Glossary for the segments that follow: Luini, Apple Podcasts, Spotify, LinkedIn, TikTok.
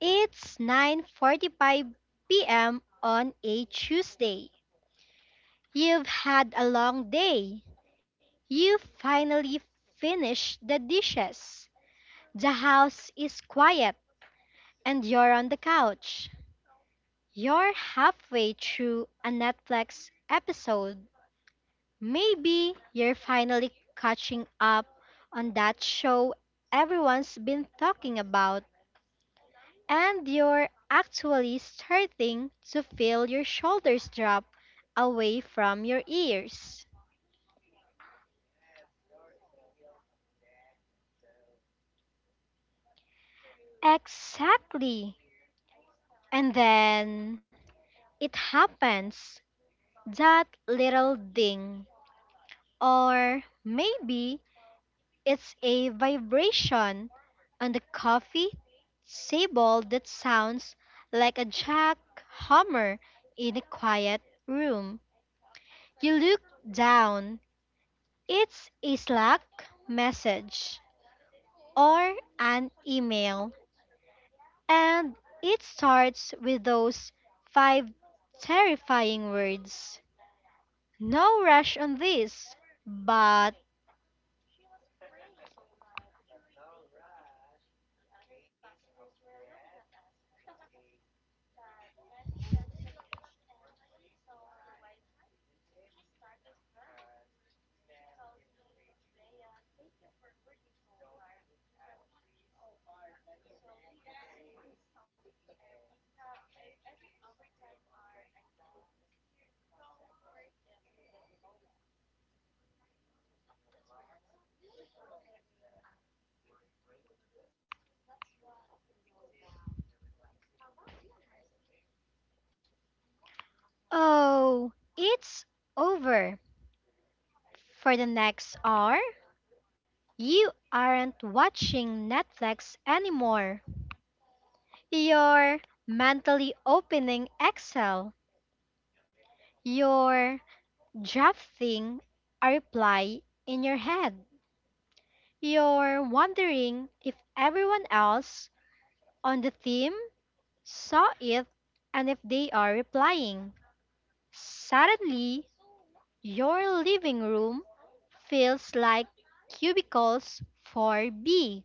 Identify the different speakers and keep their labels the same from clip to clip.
Speaker 1: It's 9:45 p.m. on a Tuesday. You've had a long day. You finally finished the dishes. The house is quiet and you're on the couch. You're halfway through a Netflix episode. Maybe you're finally catching up on that show everyone's been talking about, and you're actually starting to feel your shoulders drop away from your ears. Exactly. And then it happens, that little ding. Or maybe it's a vibration on the coffee table that sounds like a jackhammer in a quiet room. You look down. It's a Slack message or an email, and it starts with those five terrifying words. No rush on this, but oh, it's over. For the next hour, you aren't watching Netflix anymore. You're mentally opening Excel. You're drafting a reply in your head. You're wondering if everyone else on the team saw it and if they are replying. Suddenly, your living room feels like cubicles for B.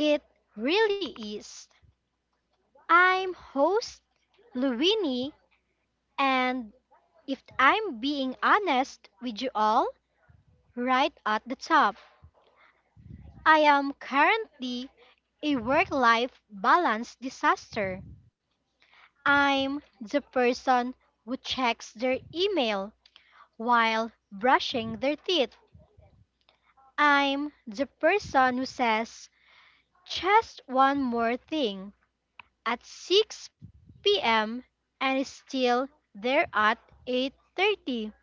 Speaker 1: It really is. I'm host Luini, and if I'm being honest with you all, right at the top, I am currently a work life balance disaster. I'm the person who checks their email while brushing their teeth. I'm the person who says just one more thing at 6 p.m. and is still there at 8:30.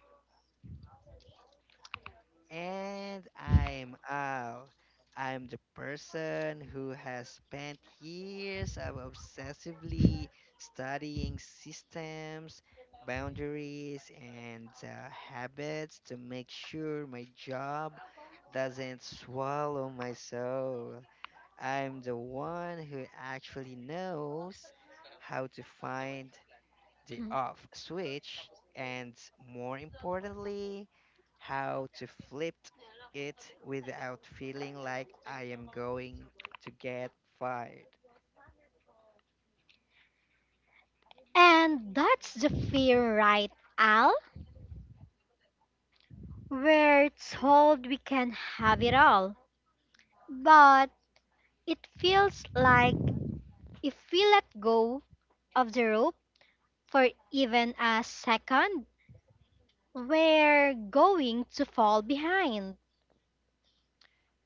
Speaker 2: And I'm Al. I'm the person who has spent years of obsessively studying systems, boundaries, and habits to make sure my job doesn't swallow my soul. I'm the one who actually knows how to find the off switch, and more importantly, how to flip it without feeling like I am going to get fired.
Speaker 1: And that's the fear, right, Al? We're told we can have it all. But it feels like if we let go of the rope, for even a second, we're going to fall behind.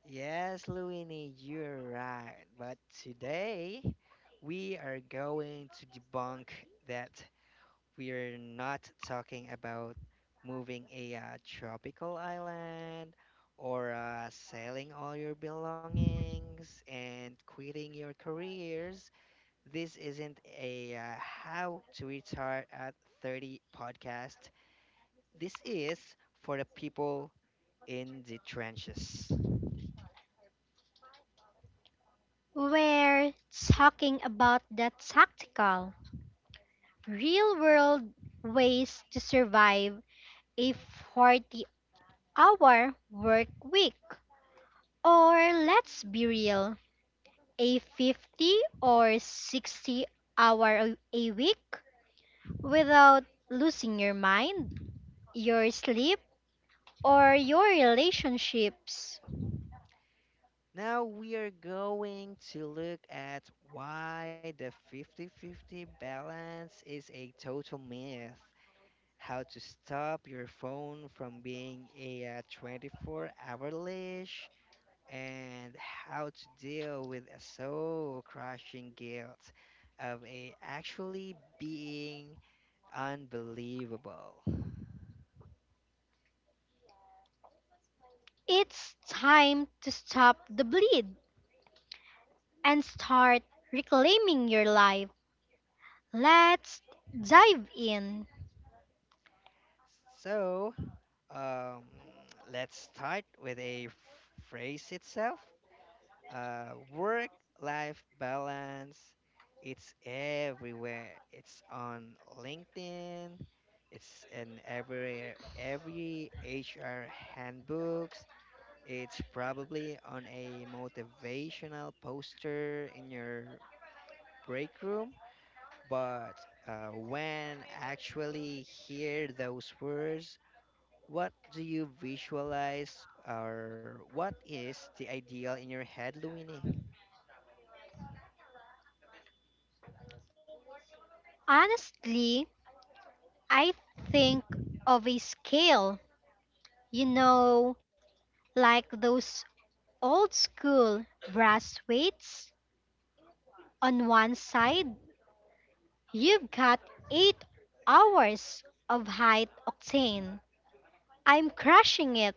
Speaker 2: Yes, Luini, you're right. But today, we are going to debunk that. We're not talking about moving a tropical island or selling all your belongings and quitting your careers. This isn't a how to retire at 30 podcast. This is for the people in the trenches.
Speaker 1: We're talking about the tactical, real world ways to survive a 40-hour work week. Or let's be real, a 50 or 60 hour a week without losing your mind, your sleep, or your relationships.
Speaker 2: Now we are going to look at why the 50 50 balance is a total myth, how to stop your phone from being a 24-hour leash, and how to deal with a soul crushing guilt of it actually being unbelievable.
Speaker 1: It's time to stop the bleed and start reclaiming your life. Let's dive in.
Speaker 2: So, um, let's start with a phrase itself. Work life balance, it's everywhere. It's on LinkedIn, it's in every HR handbooks. It's probably on a motivational poster in your break room, but when actually hear those words, what do you visualize or what is the ideal in your head, Luini?
Speaker 1: Honestly, I think of a scale, you know, like those old school brass weights. On one side, you've got 8 hours of high octane, I'm crushing it,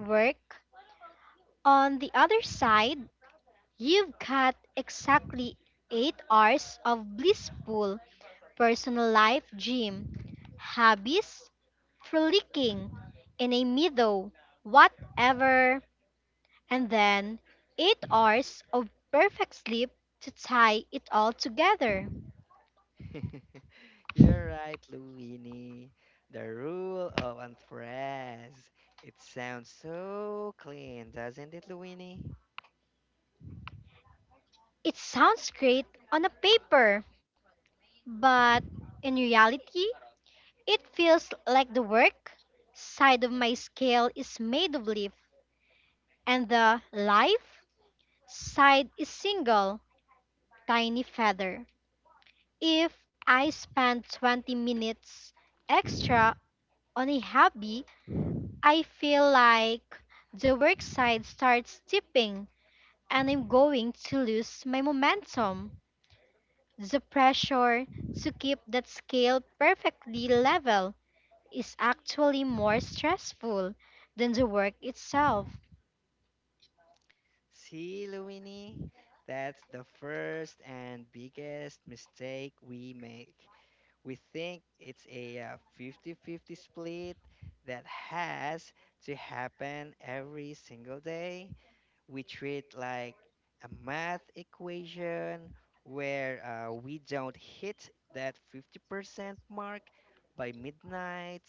Speaker 1: work. On the other side, you've got exactly 8 hours of blissful personal life, gym, hobbies, frolicking in a meadow, whatever, and then 8 hours of perfect sleep to tie it all together.
Speaker 2: You're right, Luini. The rule of unthreads. It sounds so clean, doesn't it, Luini?
Speaker 1: It sounds great on a paper, but in reality, it feels like the work side of my scale is made of leaf, and the life side is single tiny feather. If I spend 20 minutes extra on a hobby, I feel like the work side starts dipping and I'm going to lose my momentum. The pressure to keep that scale perfectly level is actually more stressful than the work itself.
Speaker 2: See, Luini, that's the first and biggest mistake we make. We think it's a 50 50 split that has to happen every single day, we treat like a math equation where we don't hit that 50% mark by midnight.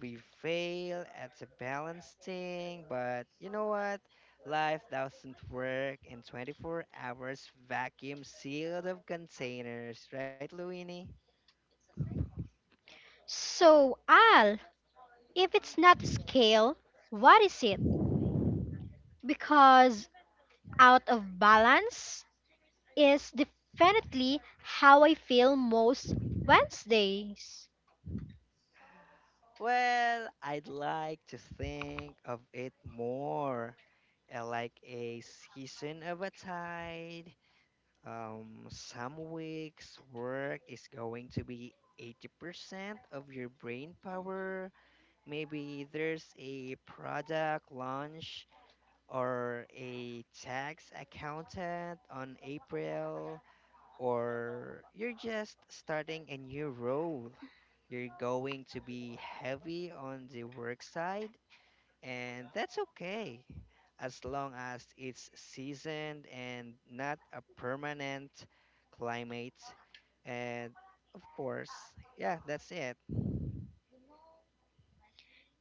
Speaker 2: We fail at the balancing, but you know what? Life doesn't work in 24 hours vacuum sealed of containers, right, Luini?
Speaker 1: So, Al, if it's not scale, what is it? Because out of balance is definitely how I feel most Wednesdays.
Speaker 2: Well, I'd like to think of it more like a season of a tide. Some weeks work is going to be 80% of your brain power. Maybe there's a product launch or a tax accountant on April, or you're just starting a new role. You're going to be heavy on the work side, and that's okay as long as it's seasoned and not a permanent climate. And of course, yeah, that's it.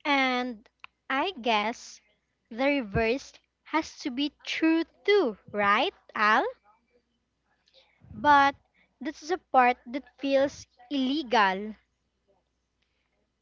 Speaker 1: And I guess the reverse has to be true too, right, Al? But that's a part that feels illegal.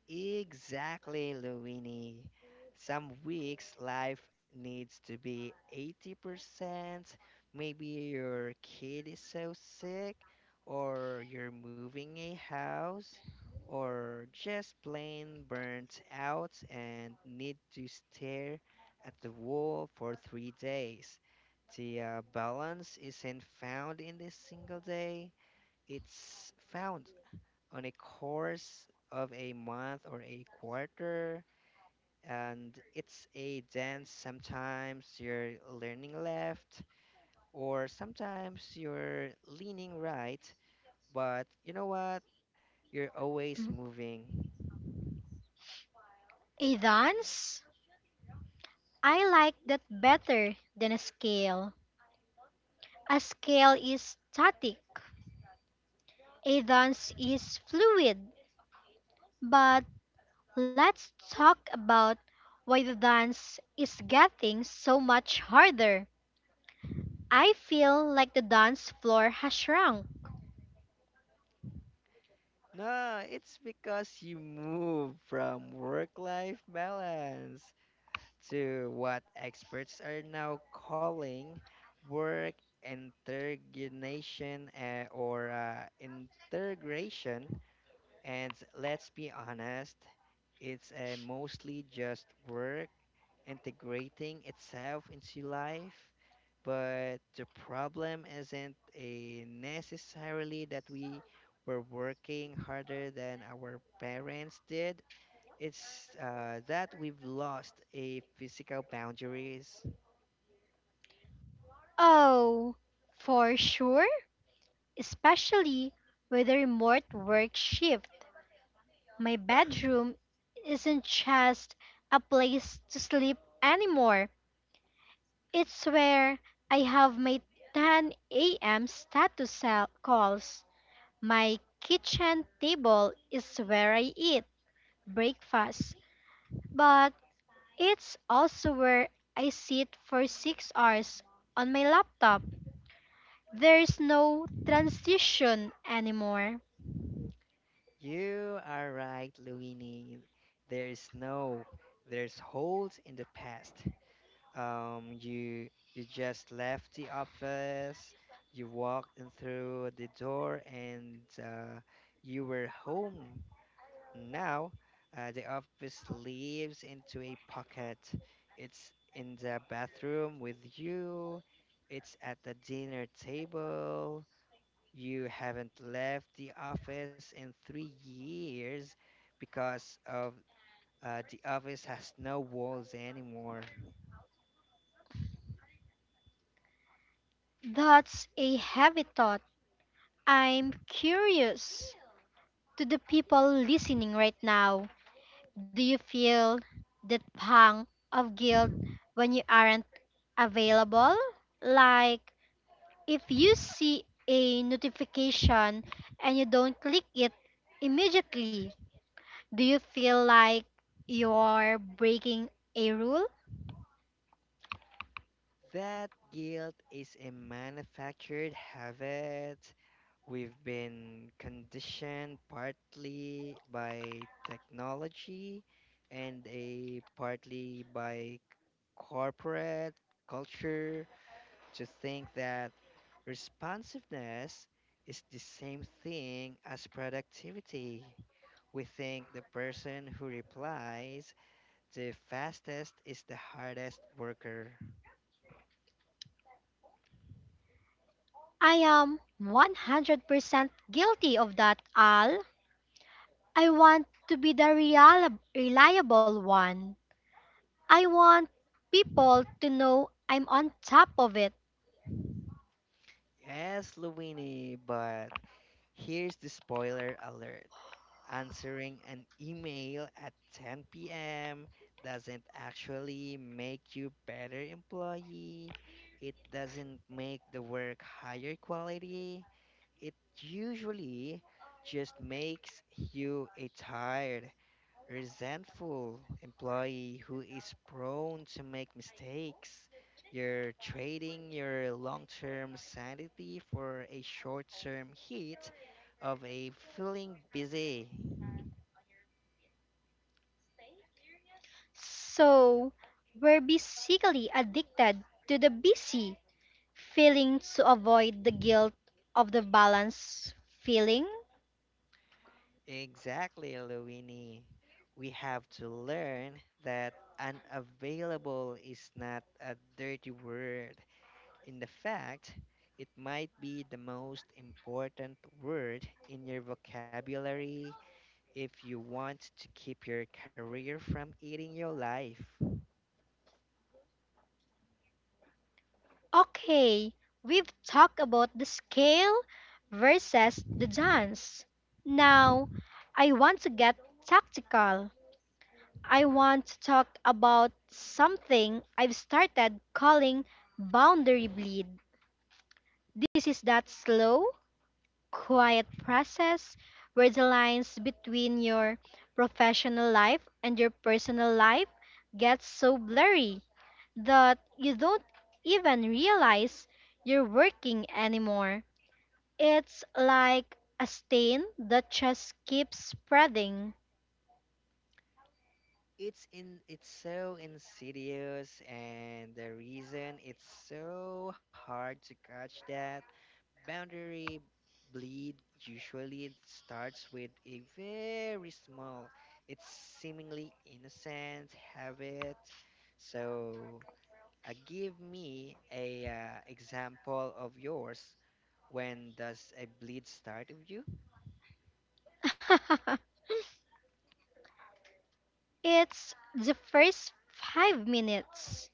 Speaker 2: Exactly, Luini. Some weeks life needs to be 80%. Maybe your kid is so sick, or you're moving a house, or just plain burnt out and need to stare at the wall for 3 days. The balance isn't found in a single day, it's found on a course of a month or a quarter, and it's a dance. Sometimes you're learning left or sometimes you're leaning right, but you know what, you're always moving.
Speaker 1: A dance? I like that better than a scale. A scale is static. A dance is fluid, but let's talk about why the dance is getting so much harder. I feel like the dance floor has shrunk.
Speaker 2: No, it's because you move from work life balance to what experts are now calling work integration, or integration. And let's be honest, it's mostly just work integrating itself into life. But the problem isn't necessarily that we were working harder than our parents did. It's that we've lost a physical boundaries.
Speaker 1: Oh, for sure, especially with the remote work shift. My bedroom isn't just a place to sleep anymore. It's where I have my 10 a.m. status calls. My kitchen table is where I eat breakfast, but it's also where I sit for 6 hours on my laptop. There's no transition anymore.
Speaker 2: You are right, Luini. There's no, there's holes in the past. um you you just left the office, you walked in through the door, and you were home. Now the office leaves into a pocket, it's in the bathroom with you, it's at the dinner table, you haven't left the office in 3 years because of the office has no walls anymore.
Speaker 1: That's a heavy thought. I'm curious to the people listening right now. Do you feel that pang of guilt when you aren't available? Like, if you see a notification and you don't click it immediately, do you feel like you're breaking a rule?
Speaker 2: That guilt is a manufactured habit. We've been conditioned partly by technology and a partly by corporate culture to think that responsiveness is the same thing as productivity. We think the person who replies the fastest is the hardest worker.
Speaker 1: I am 100% guilty of that, Al. I want to be the real, reliable one. I want people to know I'm on top of it.
Speaker 2: Yes, Luini, but here's the spoiler alert. Answering an email at 10 p.m. doesn't actually make you better employee. It doesn't make the work higher quality. It usually just makes you a tired, resentful employee who is prone to make mistakes. You're trading your long term sanity for a short term hit of a feeling busy.
Speaker 1: So, we're basically addicted to the busy feeling to avoid the guilt of the balance feeling.
Speaker 2: Exactly, Luini. We have to learn that unavailable is not a dirty word. In the fact, it might be the most important word in your vocabulary if you want to keep your career from eating your life.
Speaker 1: Okay, we've talked about the scale versus the dance. Now, I want to get tactical. I want to talk about something I've started calling boundary bleed. This is that slow, quiet process where the lines between your professional life and your personal life get so blurry that you don't even realize you're working anymore. It's like a stain that just keeps spreading.
Speaker 2: It's so insidious, and the reason it's so hard to catch that boundary bleed, usually it starts with a very small, it's seemingly innocent habit. So give me a example of yours. When does a bleed start with you?
Speaker 1: It's the first 5 minutes.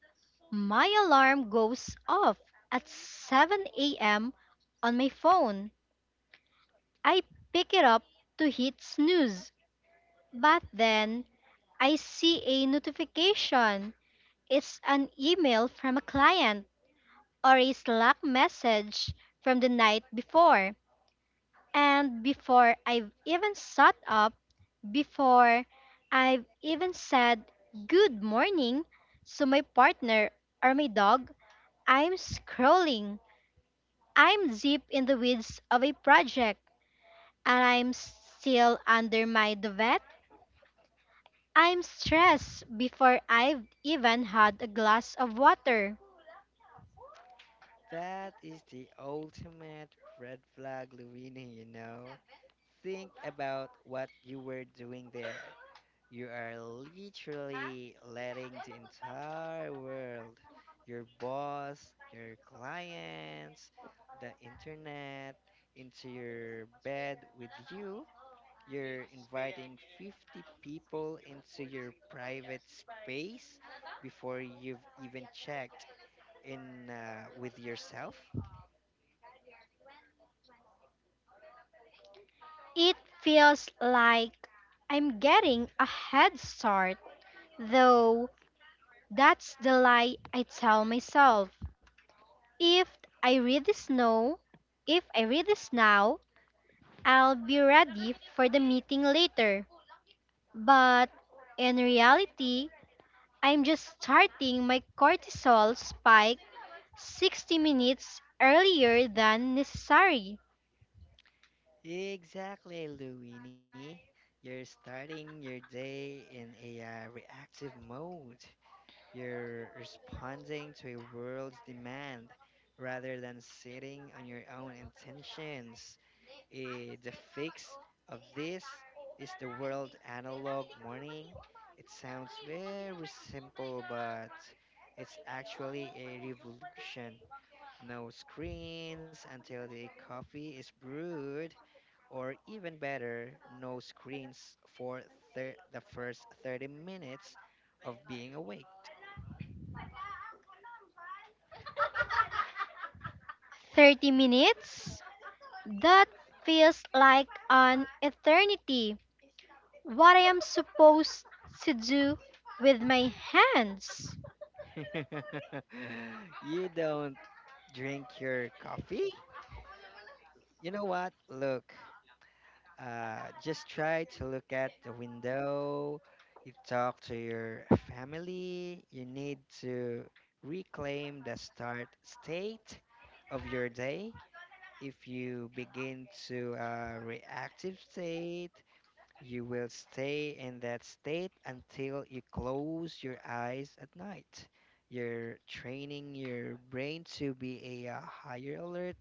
Speaker 1: My alarm goes off at 7 a.m. on my phone. I pick it up to hit snooze, but then I see a notification. It's an email from a client or a Slack message from the night before. And before I've even sat up, before I've even said good morning to my partner or my dog, I'm scrolling. I'm deep in the weeds of a project and I'm still under my duvet. I'm stressed before I've even had a glass of water.
Speaker 2: That is the ultimate red flag, Luina, you know. Think about what you were doing there. You are literally letting the entire world, your boss, your clients, the internet, into your bed with you. You're inviting 50 people into your private space before you've even checked in with yourself.
Speaker 1: It feels like I'm getting a head start, though that's the lie I tell myself. If I read this now, if I read this now, I'll be ready for the meeting later. But in reality, I'm just starting my cortisol spike 60 minutes earlier than necessary.
Speaker 2: Exactly, Luini. You're starting your day in a reactive mode. You're responding to a world's demand rather than sitting on your own intentions. Eh, the fix of this is the world analog morning. It sounds very simple, but it's actually a revolution. No screens until the coffee is brewed, or even better, no screens for the first 30 minutes of being awake.
Speaker 1: 30 minutes? That feels like an eternity. What I am supposed to do with my hands?
Speaker 2: You don't drink your coffee? You know what? Look, just try to look at the window. You talk to your family. You need to reclaim the start state of your day. If you begin to a reactive state, you will stay in that state until you close your eyes at night. You're training your brain to be a, higher alert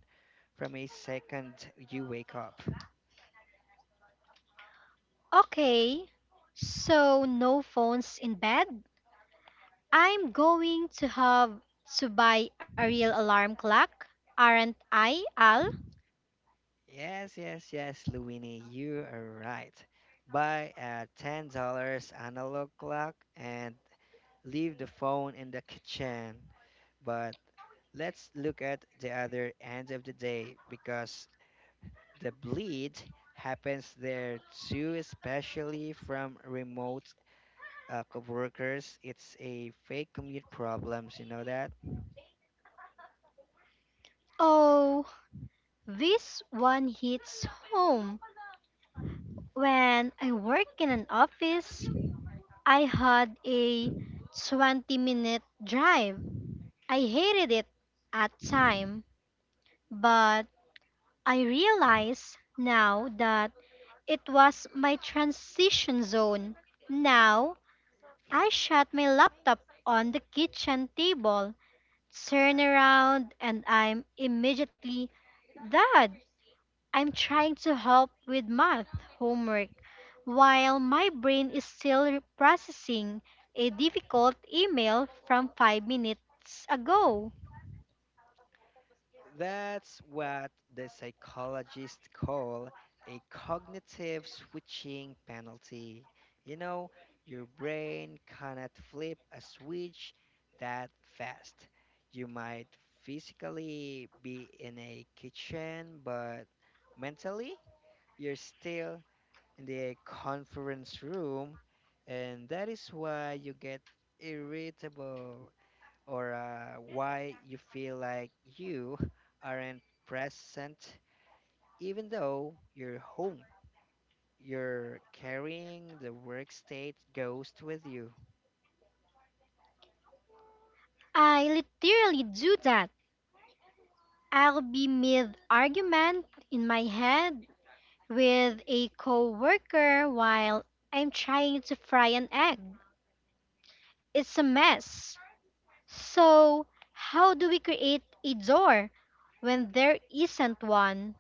Speaker 2: from a second you wake up.
Speaker 1: Okay, so no phones in bed? I'm going to have to buy a real alarm clock, aren't I, Al?
Speaker 2: Yes, yes, yes, Luini, you are right. Buy a $10 analog clock and leave the phone in the kitchen. But let's look at the other end of the day, because the bleed happens there too, especially from remote coworkers. It's a fake commute problems, you know that?
Speaker 1: Oh, this one hits home. When I work in an office, I had a 20-minute drive. I hated it at time, but I realize now that it was my transition zone. Now I shut my laptop on the kitchen table, turn around, and I'm immediately Dad, I'm trying to help with math homework while my brain is still processing a difficult email from 5 minutes ago.
Speaker 2: That's what the psychologists call a cognitive switching penalty. You know, your brain cannot flip a switch that fast. You might physically be in a kitchen, but mentally, you're still the conference room, and that is why you get irritable or why you feel like you aren't present, even though you're home. You're carrying the work state ghost with you.
Speaker 1: I literally do that. I'll be mid argument in my head with a coworker while I'm trying to fry an egg. It's a mess. So, how do we create a door when there isn't one?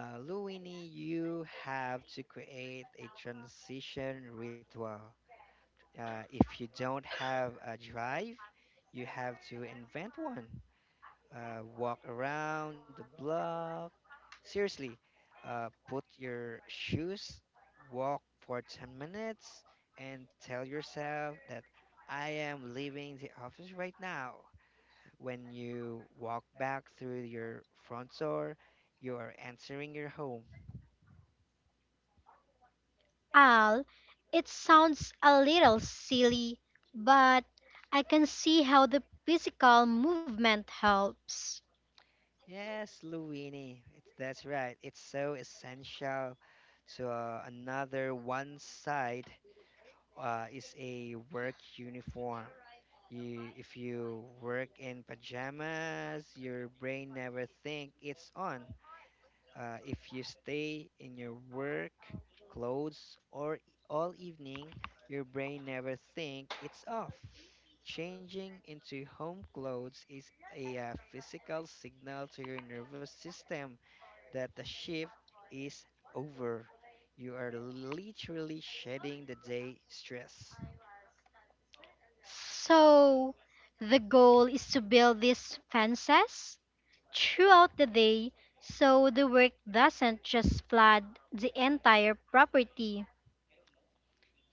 Speaker 2: Luini, you have to create a transition ritual. If you don't have a drive, you have to invent one. Walk around the block. Seriously, put your shoes, walk for 10 minutes, and tell yourself that I am leaving the office right now. When you walk back through your front door, you are entering your home.
Speaker 1: Al, it sounds a little silly, but I can see how the physical movement helps.
Speaker 2: Yes, Luini, it's, that's right. It's so essential to another one side is a work uniform. You, if you work in pajamas, your brain never think it's on. If you stay in your work clothes or all evening, your brain never think it's off. Changing into home clothes is a physical signal to your nervous system that the shift is over. You are literally shedding the day stress.
Speaker 1: So, the goal is to build these fences throughout the day so the work doesn't just flood the entire property.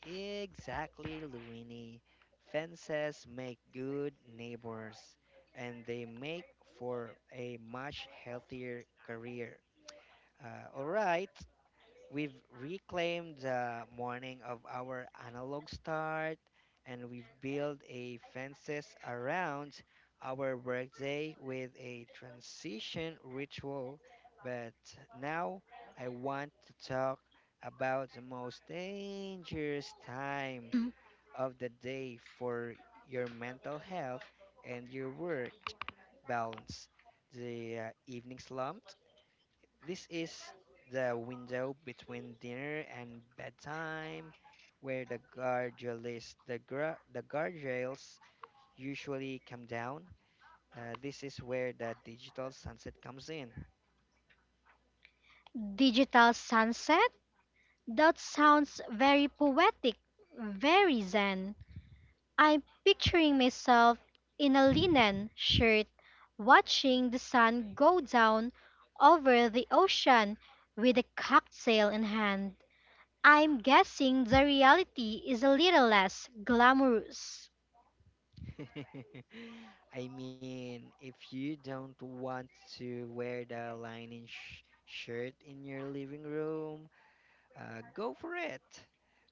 Speaker 2: Exactly, Luini. Fences make good neighbors, and they make for a much healthier career. All right, we've reclaimed the morning of our analog start, and we've built a fences around our workday with a transition ritual. But now I want to talk about the most dangerous time of the day for your mental health and your work balance. The evening slump. This is the window between dinner and bedtime where the guardrails, the guardrails usually come down. This is where the digital sunset comes in.
Speaker 1: Digital sunset? That sounds very poetic, very zen. I'm picturing myself in a linen shirt watching the sun go down over the ocean with a cocktail in hand. I'm guessing the reality is a little less glamorous.
Speaker 2: I mean, if you don't want to wear the linen shirt in your living room, go for it.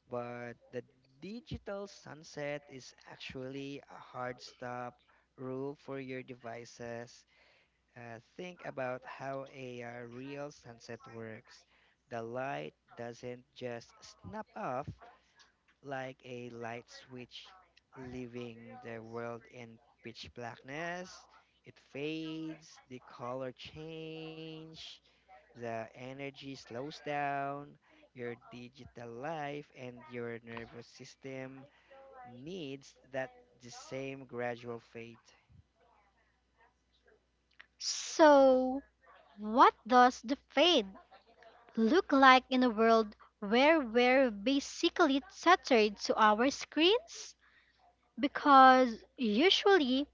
Speaker 2: But the digital sunset is actually a hard stop rule for your devices. Think about how a real sunset works. The light doesn't just snap off like a light switch, leaving the world in pitch blackness. It fades, the color change, the energy slows down, your digital life and your nervous system needs that the same gradual fade.
Speaker 1: So, what does the fade look like in a world where we're basically tethered to our screens? Because usually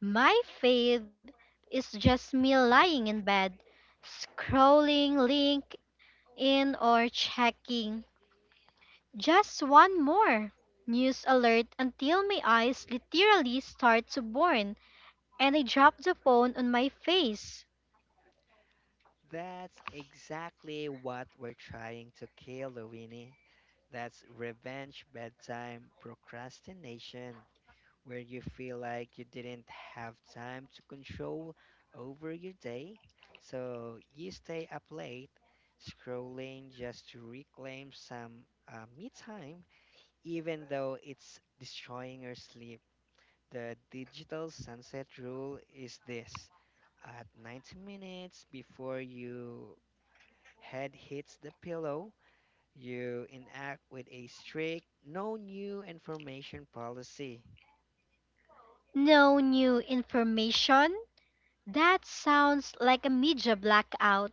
Speaker 1: my fade is just me lying in bed, scrolling LinkedIn or checking just one more news alert until my eyes literally start to burn and I drop the phone on my face.
Speaker 2: That's exactly what we're trying to kill, Winnie. That's revenge bedtime procrastination, where you feel like you didn't have time to control over your day, so you stay up late scrolling just to reclaim some me time, even though it's destroying your sleep. The digital sunset rule is this: at 90 minutes before you head hits the pillow, you enact with a strict no new information policy
Speaker 1: No new information. That sounds like a media blackout.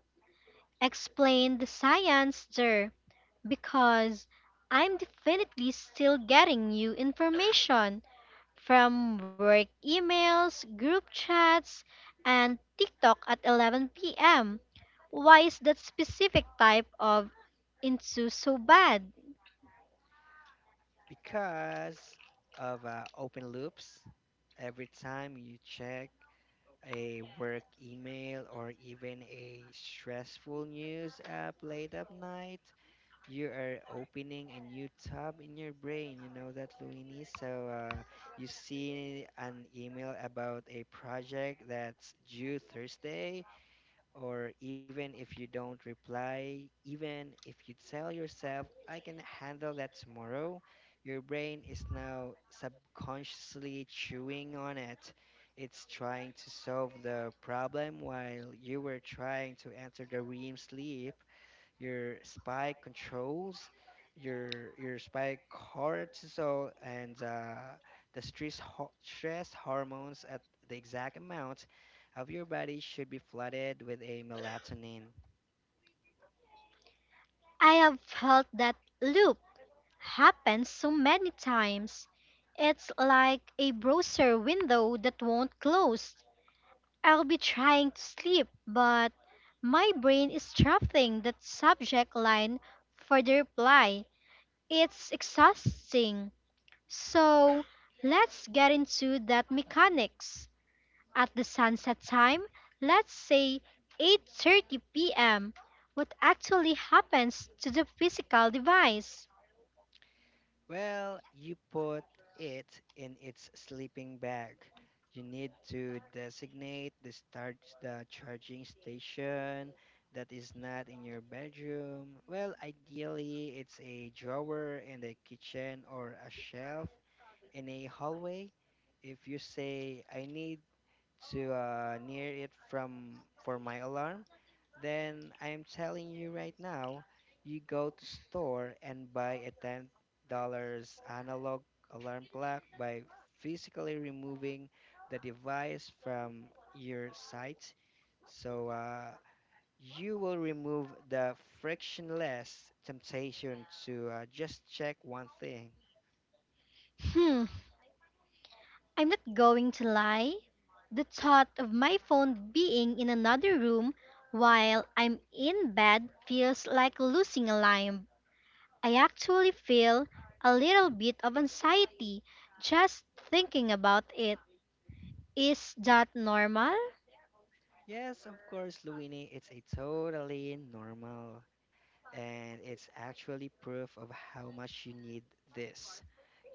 Speaker 1: Explain the science there because I'm definitely still getting new information from work emails, group chats, and TikTok at 11 p.m. Why is that specific type of into so bad?
Speaker 2: because of open loops. Every time you check a work email or even a stressful news app late at night, you are opening a new tab in your brain. You know that, Luini. So you see an email about a project that's due Thursday, or even if you don't reply, even if you tell yourself, I can handle that tomorrow, your brain is now subconsciously chewing on it. It's trying to solve the problem while you were trying to enter the REM sleep. Your spike controls, your spike cortisol and the stress stress hormones at the exact amount of your body should be flooded with a melatonin.
Speaker 1: I have felt that loop happen so many times. It's like a browser window that won't close. I'll be trying to sleep, but my brain is drafting that subject line for the reply. It's exhausting. So let's get into that mechanics. At the sunset time, let's say 8:30 p.m., what actually happens to the physical device?
Speaker 2: Well, you put it in its sleeping bag. You need to designate the charging station that is not in your bedroom. Well, ideally it's a drawer in the kitchen or a shelf in a hallway. If you say I need to near it from for my alarm, then I am telling you right now, you go to store and buy a $10 analog alarm clock by physically removing the device from your sight. So you will remove the frictionless temptation to just check one thing.
Speaker 1: Hmm, I'm not going to lie. The thought of my phone being in another room while I'm in bed feels like losing a limb. I actually feel a little bit of anxiety just thinking about it. Is that normal?
Speaker 2: Yes, of course, Luini, it's a totally normal and it's actually proof of how much you need this.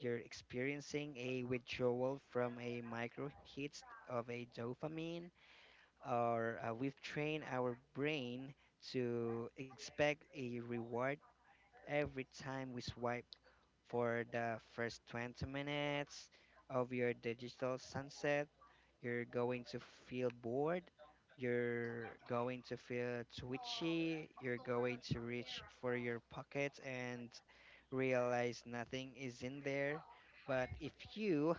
Speaker 2: You're experiencing a withdrawal from a micro hit of a dopamine, or we've trained our brain to expect a reward every time we swipe. For the first 20 minutes of your digital sunset, you're going to feel bored, you're going to feel twitchy, you're going to reach for your pockets and realize nothing is in there. But if you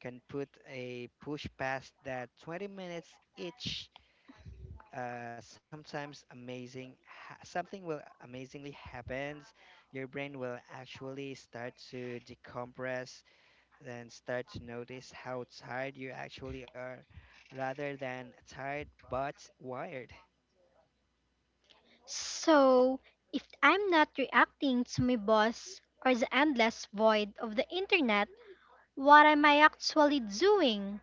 Speaker 2: can put a push past that 20 minutes each, something will amazingly happens, your brain will actually start to decompress, then start to notice how tired you actually are rather than tired but wired.
Speaker 1: So, if I'm not reacting to my boss or the endless void of the internet, what am I actually doing?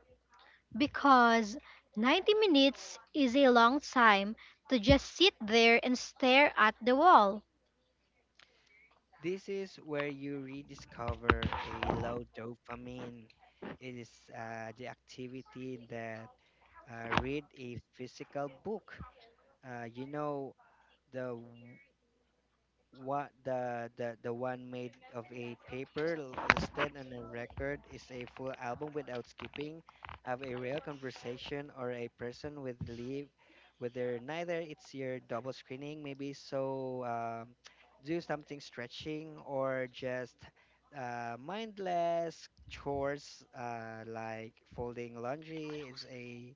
Speaker 1: Because 90 minutes is a long time to just sit there and stare at the wall.
Speaker 2: This is where you rediscover a low dopamine. It is the activity that read a physical book, you know the What the one made of a paper, l- listed on a record is a full album without skipping, have a real conversation or a person with leave, whether neither it's your double screening maybe so do something stretching or just mindless chores like folding laundry is a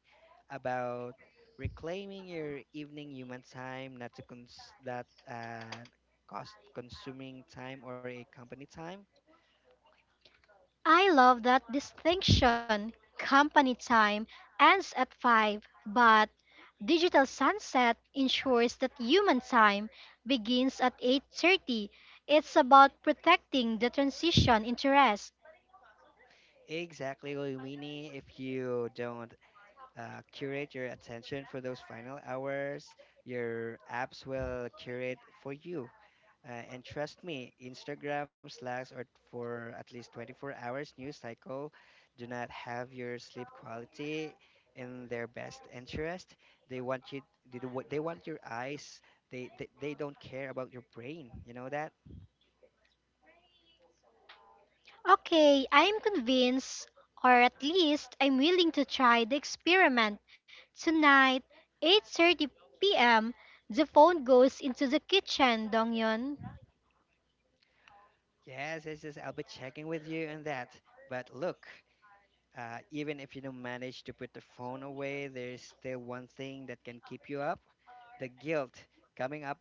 Speaker 2: about reclaiming your evening human time, not to cons- that uh, cost consuming time or a company time.
Speaker 1: I love that distinction. Company time ends at 5, but digital sunset ensures that human time begins at 8:30. It's about protecting the transition interest.
Speaker 2: Exactly, Winnie. If you don't curate your attention for those final hours, your apps will curate for you. And trust me, Instagram, Slacks, or for at least 24 hours news cycle do not have your sleep quality in their best interest. They want you. They, they want your eyes. They don't care about your brain. You know that.
Speaker 1: Okay, I am convinced, or at least I'm willing to try the experiment. Tonight, 8:30 p.m., the phone goes into the kitchen, Dongyeon.
Speaker 2: Yes, it's just I'll be checking with you on that. But look, even if you don't manage to put the phone away, there's still one thing that can keep you up, the guilt. Coming up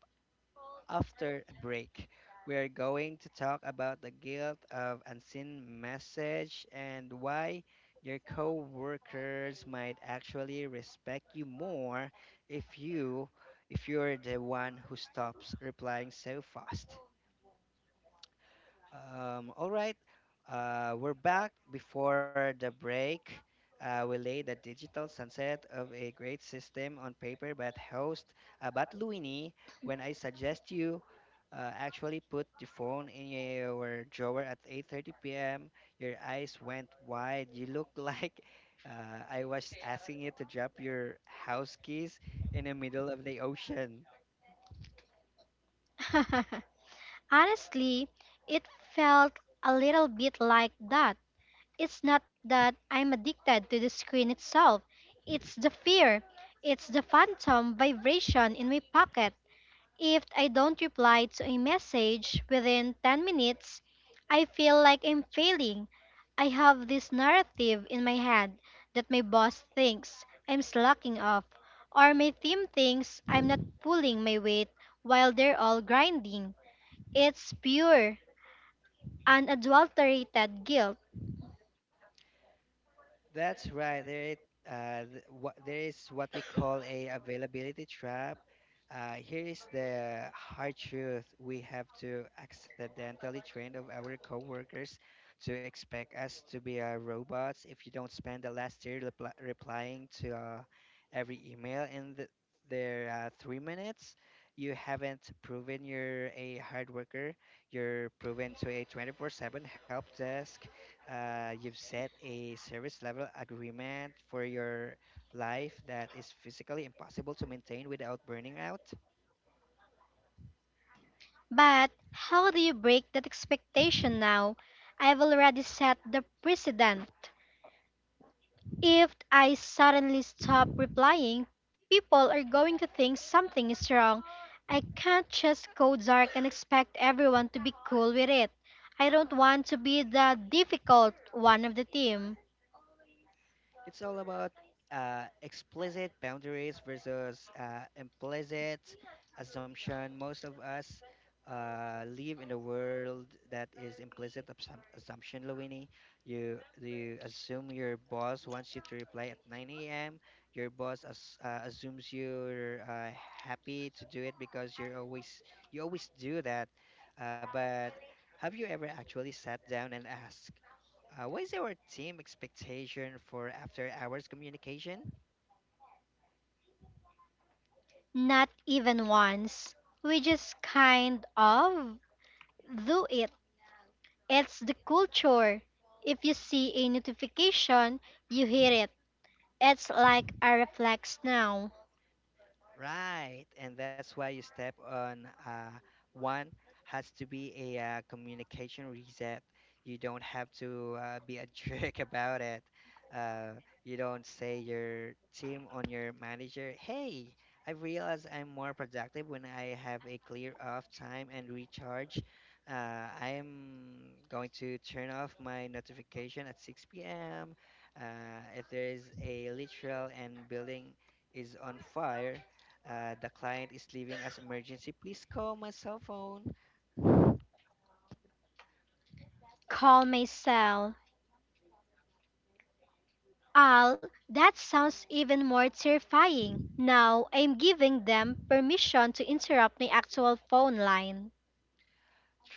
Speaker 2: after a break, we are going to talk about the guilt of unseen message and why your coworkers might actually respect you more if you if you're the one who stops replying so fast. All right, we're back before the break. We laid the digital sunset of a great system on paper, but Luini, when I suggest you actually put the phone in your drawer at 8:30 p.m., your eyes went wide. You looked like I was asking you to drop your house keys in the middle of the ocean.
Speaker 1: Honestly, it felt a little bit like that. It's not that I'm addicted to the screen itself. It's the fear. It's the phantom vibration in my pocket. If I don't reply to a message within 10 minutes, I feel like I'm failing. I have this narrative in my head that my boss thinks I'm slacking off, or my team thinks I'm not pulling my weight while they're all grinding. It's pure, unadulterated guilt.
Speaker 2: That's right. There is, there is what we call a availability trap. Here is the hard truth. We have to accidentally train of our coworkers to expect us to be robots. If you don't spend the last year repli replying to every email in the, their 3 minutes. You haven't proven you're a hard worker. You're proven to a 24/7 help desk, you've set a service level agreement for your life that is physically impossible to maintain without burning out.
Speaker 1: But how do you break that expectation now? I've already set the precedent. If I suddenly stop replying, people are going to think something is wrong. I can't just go dark and expect everyone to be cool with it. I don't want to be the difficult one of the team.
Speaker 2: It's all about explicit boundaries versus implicit assumption. Most of us live in a world that is implicit assumption, Luini. You assume your boss wants you to reply at 9 a.m. Your boss assumes you're happy to do it because you always do that. But have you ever actually sat down and asked? What is our team expectation for after hours communication?
Speaker 1: Not even once. We just kind of do it. It's the culture. If you see a notification, you hit it. It's like a reflex now.
Speaker 2: Right, and that's why you step on one has to be a communication reset. You don't have to be a jerk about it. Uh, you don't say your team on your manager, "Hey, I realize I'm more productive when I have a clear off time and recharge. I'm going to turn off my notification at 6 p.m. If there is a literal and building is on fire." The client is leaving as emergency. Please call my cell phone.
Speaker 1: Call my cell. Al, that sounds even more terrifying. Now I'm giving them permission to interrupt my actual phone line.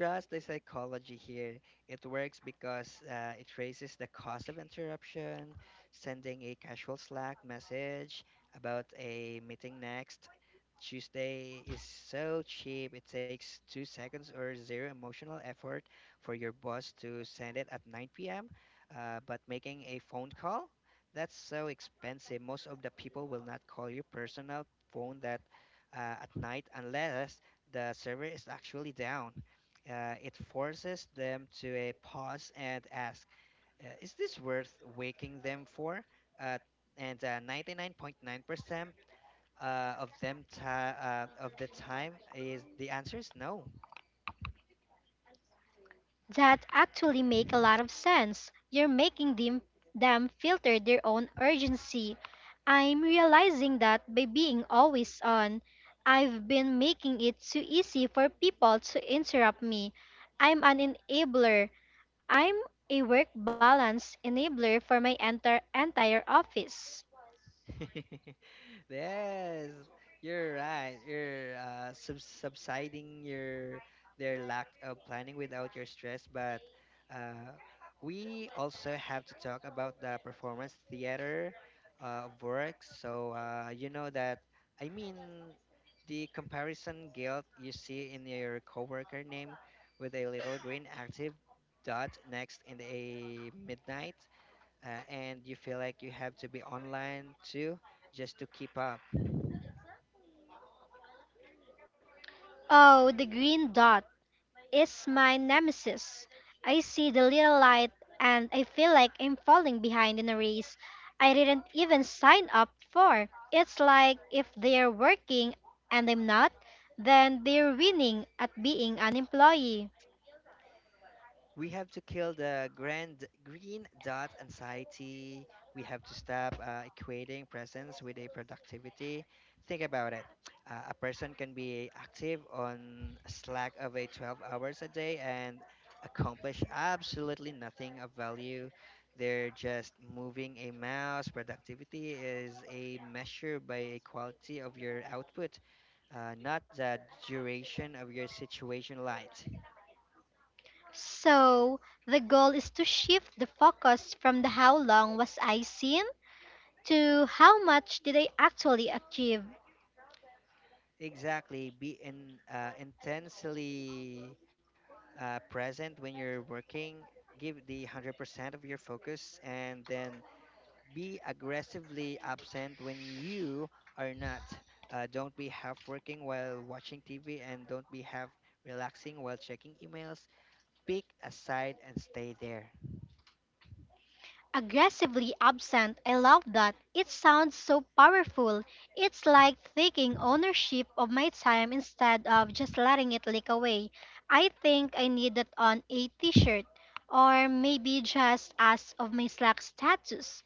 Speaker 2: Trust the psychology here. It works because it raises the cost of interruption. Sending a casual Slack message about a meeting next Tuesday is so cheap, it takes 2 seconds or zero emotional effort for your boss to send it at 9 p.m. But making a phone call, that's so expensive. Most of the people will not call your personal phone that at night unless the server is actually down. It forces them to a pause and ask, is this worth waking them for? Uh, and 99.9% uh, of the time is the answer is no.
Speaker 1: That actually make a lot of sense. You're making them filter their own urgency. I'm realizing that by being always on, I've been making it too easy for people to interrupt me. I'm an enabler. I'm a work balance enabler for my entire office.
Speaker 2: Yes, you're right. You're subsiding your their lack of planning without your stress. But uh, we also have to talk about the performance theater of work. So you know that I mean the comparison guilt you see in your coworker name with a little green active dot next in a midnight, and you feel like you have to be online too just to keep up.
Speaker 1: Oh, the green dot is my nemesis. I see the little light and I feel like I'm falling behind in a race I didn't even sign up for. It's like if they're working and I'm not, then they're winning at being an employee.
Speaker 2: We have to kill the grand green dot anxiety. We have to stop equating presence with a productivity. Think about it. A person can be active on slack of a 12 hours a day and accomplish absolutely nothing of value. They're just moving a mouse. Productivity is a measure by a quality of your output, not the duration of your situation light.
Speaker 1: So, the goal is to shift the focus from the how long was I seen to how much did I actually achieve.
Speaker 2: Exactly. Be in intensely present when you're working. Give the 100% of your focus and then be aggressively absent when you are not. Don't be half working while watching TV and don't be half relaxing while checking emails. Pick a side and stay there.
Speaker 1: Aggressively absent, I love that. It sounds so powerful. It's like taking ownership of my time instead of just letting it leak away. I think I need that on a t shirt, or maybe just as of my Slack status.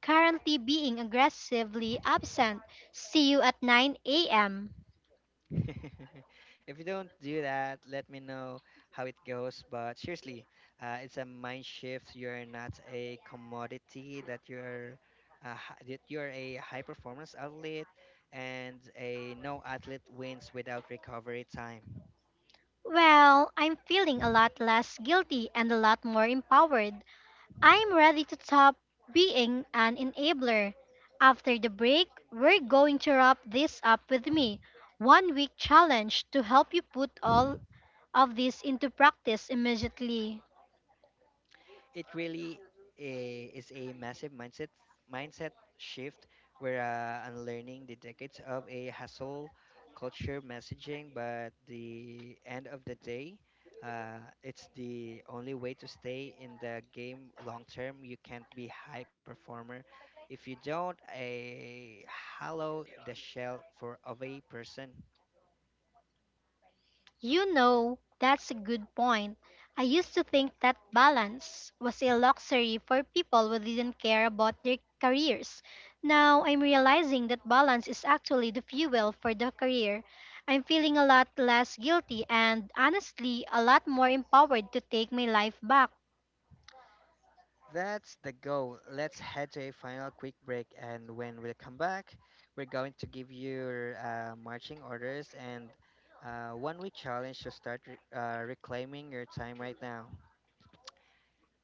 Speaker 1: Currently being aggressively absent. See you at 9 a.m.
Speaker 2: If you don't do that, let me know how it goes. But seriously, it's a mind shift. You are not a commodity that you're a high performance athlete, and a no athlete wins without recovery time.
Speaker 1: Well, I'm feeling a lot less guilty and a lot more empowered. I'm ready to stop being an enabler. After the break, we're going to wrap this up with me. 1 week challenge to help you put all of this into practice immediately.
Speaker 2: It really a, is a massive mindset shift where unlearning the decades of a hustle culture messaging, but the end of the day it's the only way to stay in the game long term. You can't be high performer if you don't a hollow the shell for of a person.
Speaker 1: That's a good point. I used to think that balance was a luxury for people who didn't care about their careers. Now I'm realizing that balance is actually the fuel for the career. I'm feeling a lot less guilty and honestly a lot more empowered to take my life back.
Speaker 2: That's the goal. Let's head to a final quick break, and when we come back, we're going to give you marching orders and 1 week challenge to start reclaiming your time right now.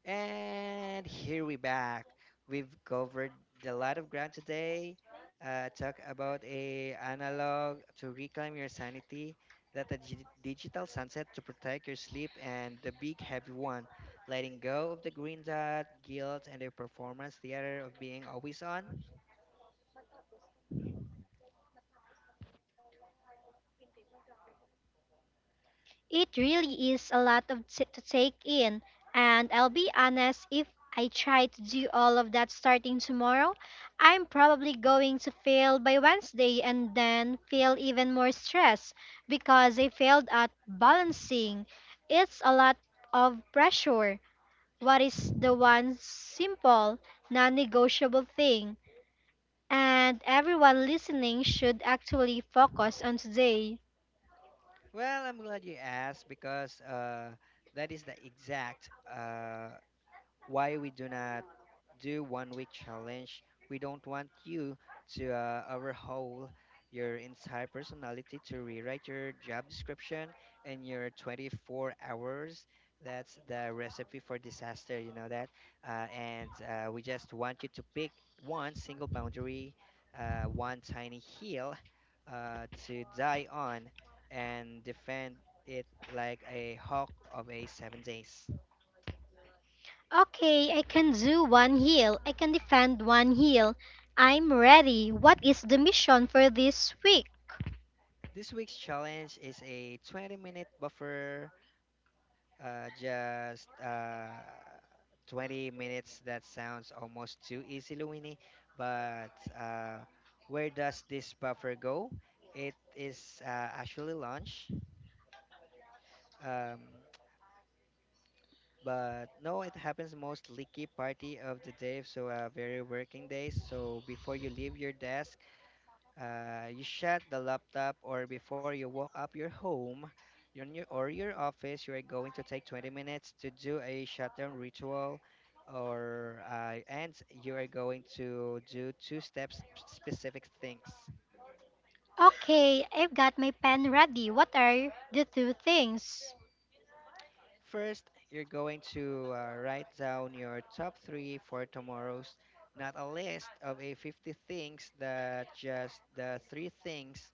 Speaker 2: And here we back. We've covered a lot of ground today. Talk about a analog to reclaim your sanity, that the digital sunset to protect your sleep, and the big heavy one, letting go of the green dot, guilt, and the performance theater of being always on.
Speaker 1: It really is a lot of to take in, and I'll be honest, if I try to do all of that starting tomorrow, I'm probably going to fail by Wednesday and then feel even more stress because I failed at balancing. It's a lot of pressure. What is the one simple, non-negotiable thing? And everyone listening should actually focus on today.
Speaker 2: Well, I'm glad you asked because that is the exact why we do not do 1 week challenge. We don't want you to overhaul your entire personality to rewrite your job description in your 24 hours. That's the recipe for disaster, you know that. And We just want you to pick one single boundary, one tiny hill to die on and defend it like a hawk of a 7 days.
Speaker 1: Okay, I can do one heel. I can defend one heel. I'm ready. What is the mission for this week?
Speaker 2: This week's challenge is a 20-minute buffer, just 20 minutes. That sounds almost too easy, Luini. But where does this buffer go? It is actually lunch. Um, but no, it happens most leaky party of the day, so very working days. So before you leave your desk, you shut the laptop or before you walk up your home your new, or your office you are going to take 20 minutes to do a shutdown ritual or and you are going to do two steps specific things.
Speaker 1: Okay, I've got my pen ready. What are the two things?
Speaker 2: First you're going to write down your top three for tomorrow's, not a list of a 50 things, that just the three things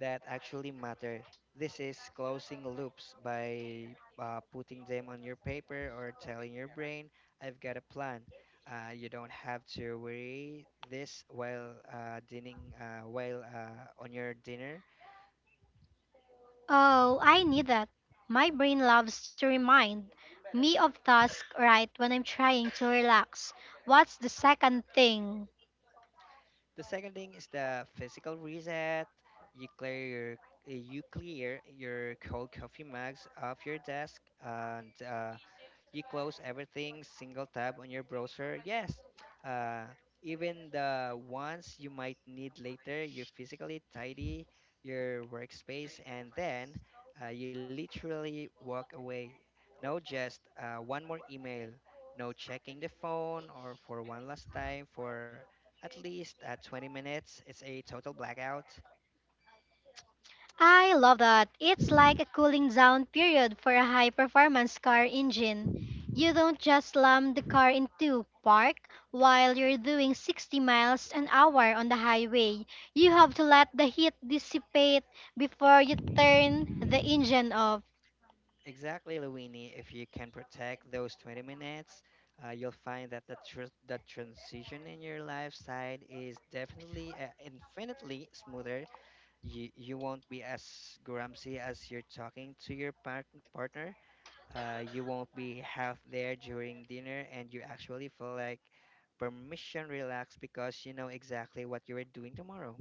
Speaker 2: that actually matter. This is closing loops by putting them on your paper or telling your brain, I've got a plan. You don't have to worry this while dining, while on your dinner.
Speaker 1: Oh, I need that. My brain loves to remind me of task right when I'm trying to relax. What's the second thing?
Speaker 2: The second thing is the physical reset. You clear your you clear your cold coffee mugs off your desk and you close everything, single tab on your browser. Yes, uh, even the ones you might need later, you physically tidy your workspace and then you literally walk away. No, just one more email. No checking the phone or for one last time for at least 20 minutes. It's a total blackout.
Speaker 1: I love that. It's like a cooling down period for a high performance car engine. You don't just slam the car into park while you're doing 60 miles an hour on the highway. You have to let the heat dissipate before you turn the engine off.
Speaker 2: Exactly, Luini. If you can protect those 20 minutes, you'll find that the, the transition in your lifestyle is definitely infinitely smoother. You won't be as grumpy as you're talking to your partner. You won't be half there during dinner, and you actually feel like permission relax because you know exactly what you are doing tomorrow.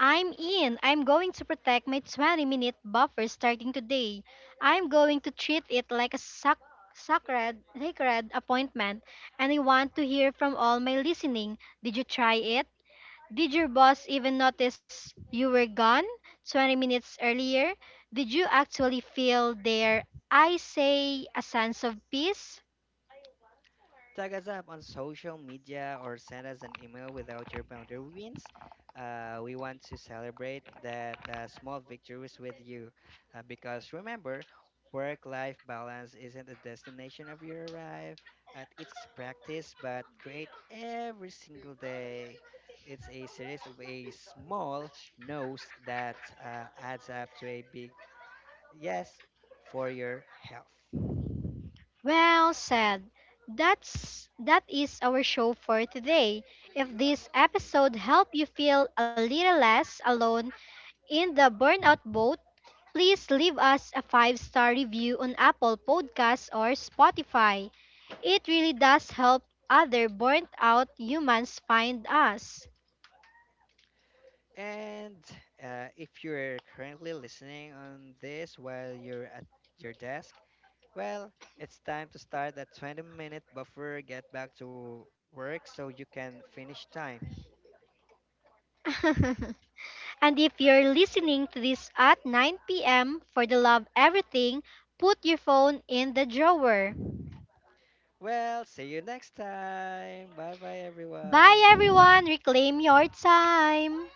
Speaker 1: I'm in. I'm going to protect my 20-minute buffer starting today. I'm going to treat it like a sacred, sacred appointment, and I want to hear from all my listening. Did you try it? Did your boss even notice you were gone 20 minutes earlier? Did you actually feel their, I say, a sense of peace?
Speaker 2: Tag us up on social media or send us an email without your boundary wins. We want to celebrate that the small victories with you because remember, work life balance isn't the destination of your arrive, at it's practice, but create every single day. It's a series of a small no's that adds up to a big yes for your health.
Speaker 1: Well said. That is our show for today. If this episode helped you feel a little less alone in the burnout boat, please leave us a five-star review on Apple Podcasts or Spotify. It really does help other burnt out humans find us.
Speaker 2: And if you're currently listening on this while you're at your desk, well, it's time to start that 20-minute buffer, get back to work so you can finish time.
Speaker 1: And if you're listening to this at 9 p.m. for the love everything, put your phone in the drawer.
Speaker 2: Well, see you next time. Bye bye,
Speaker 1: Bye
Speaker 2: everyone.
Speaker 1: everyone, reclaim your time.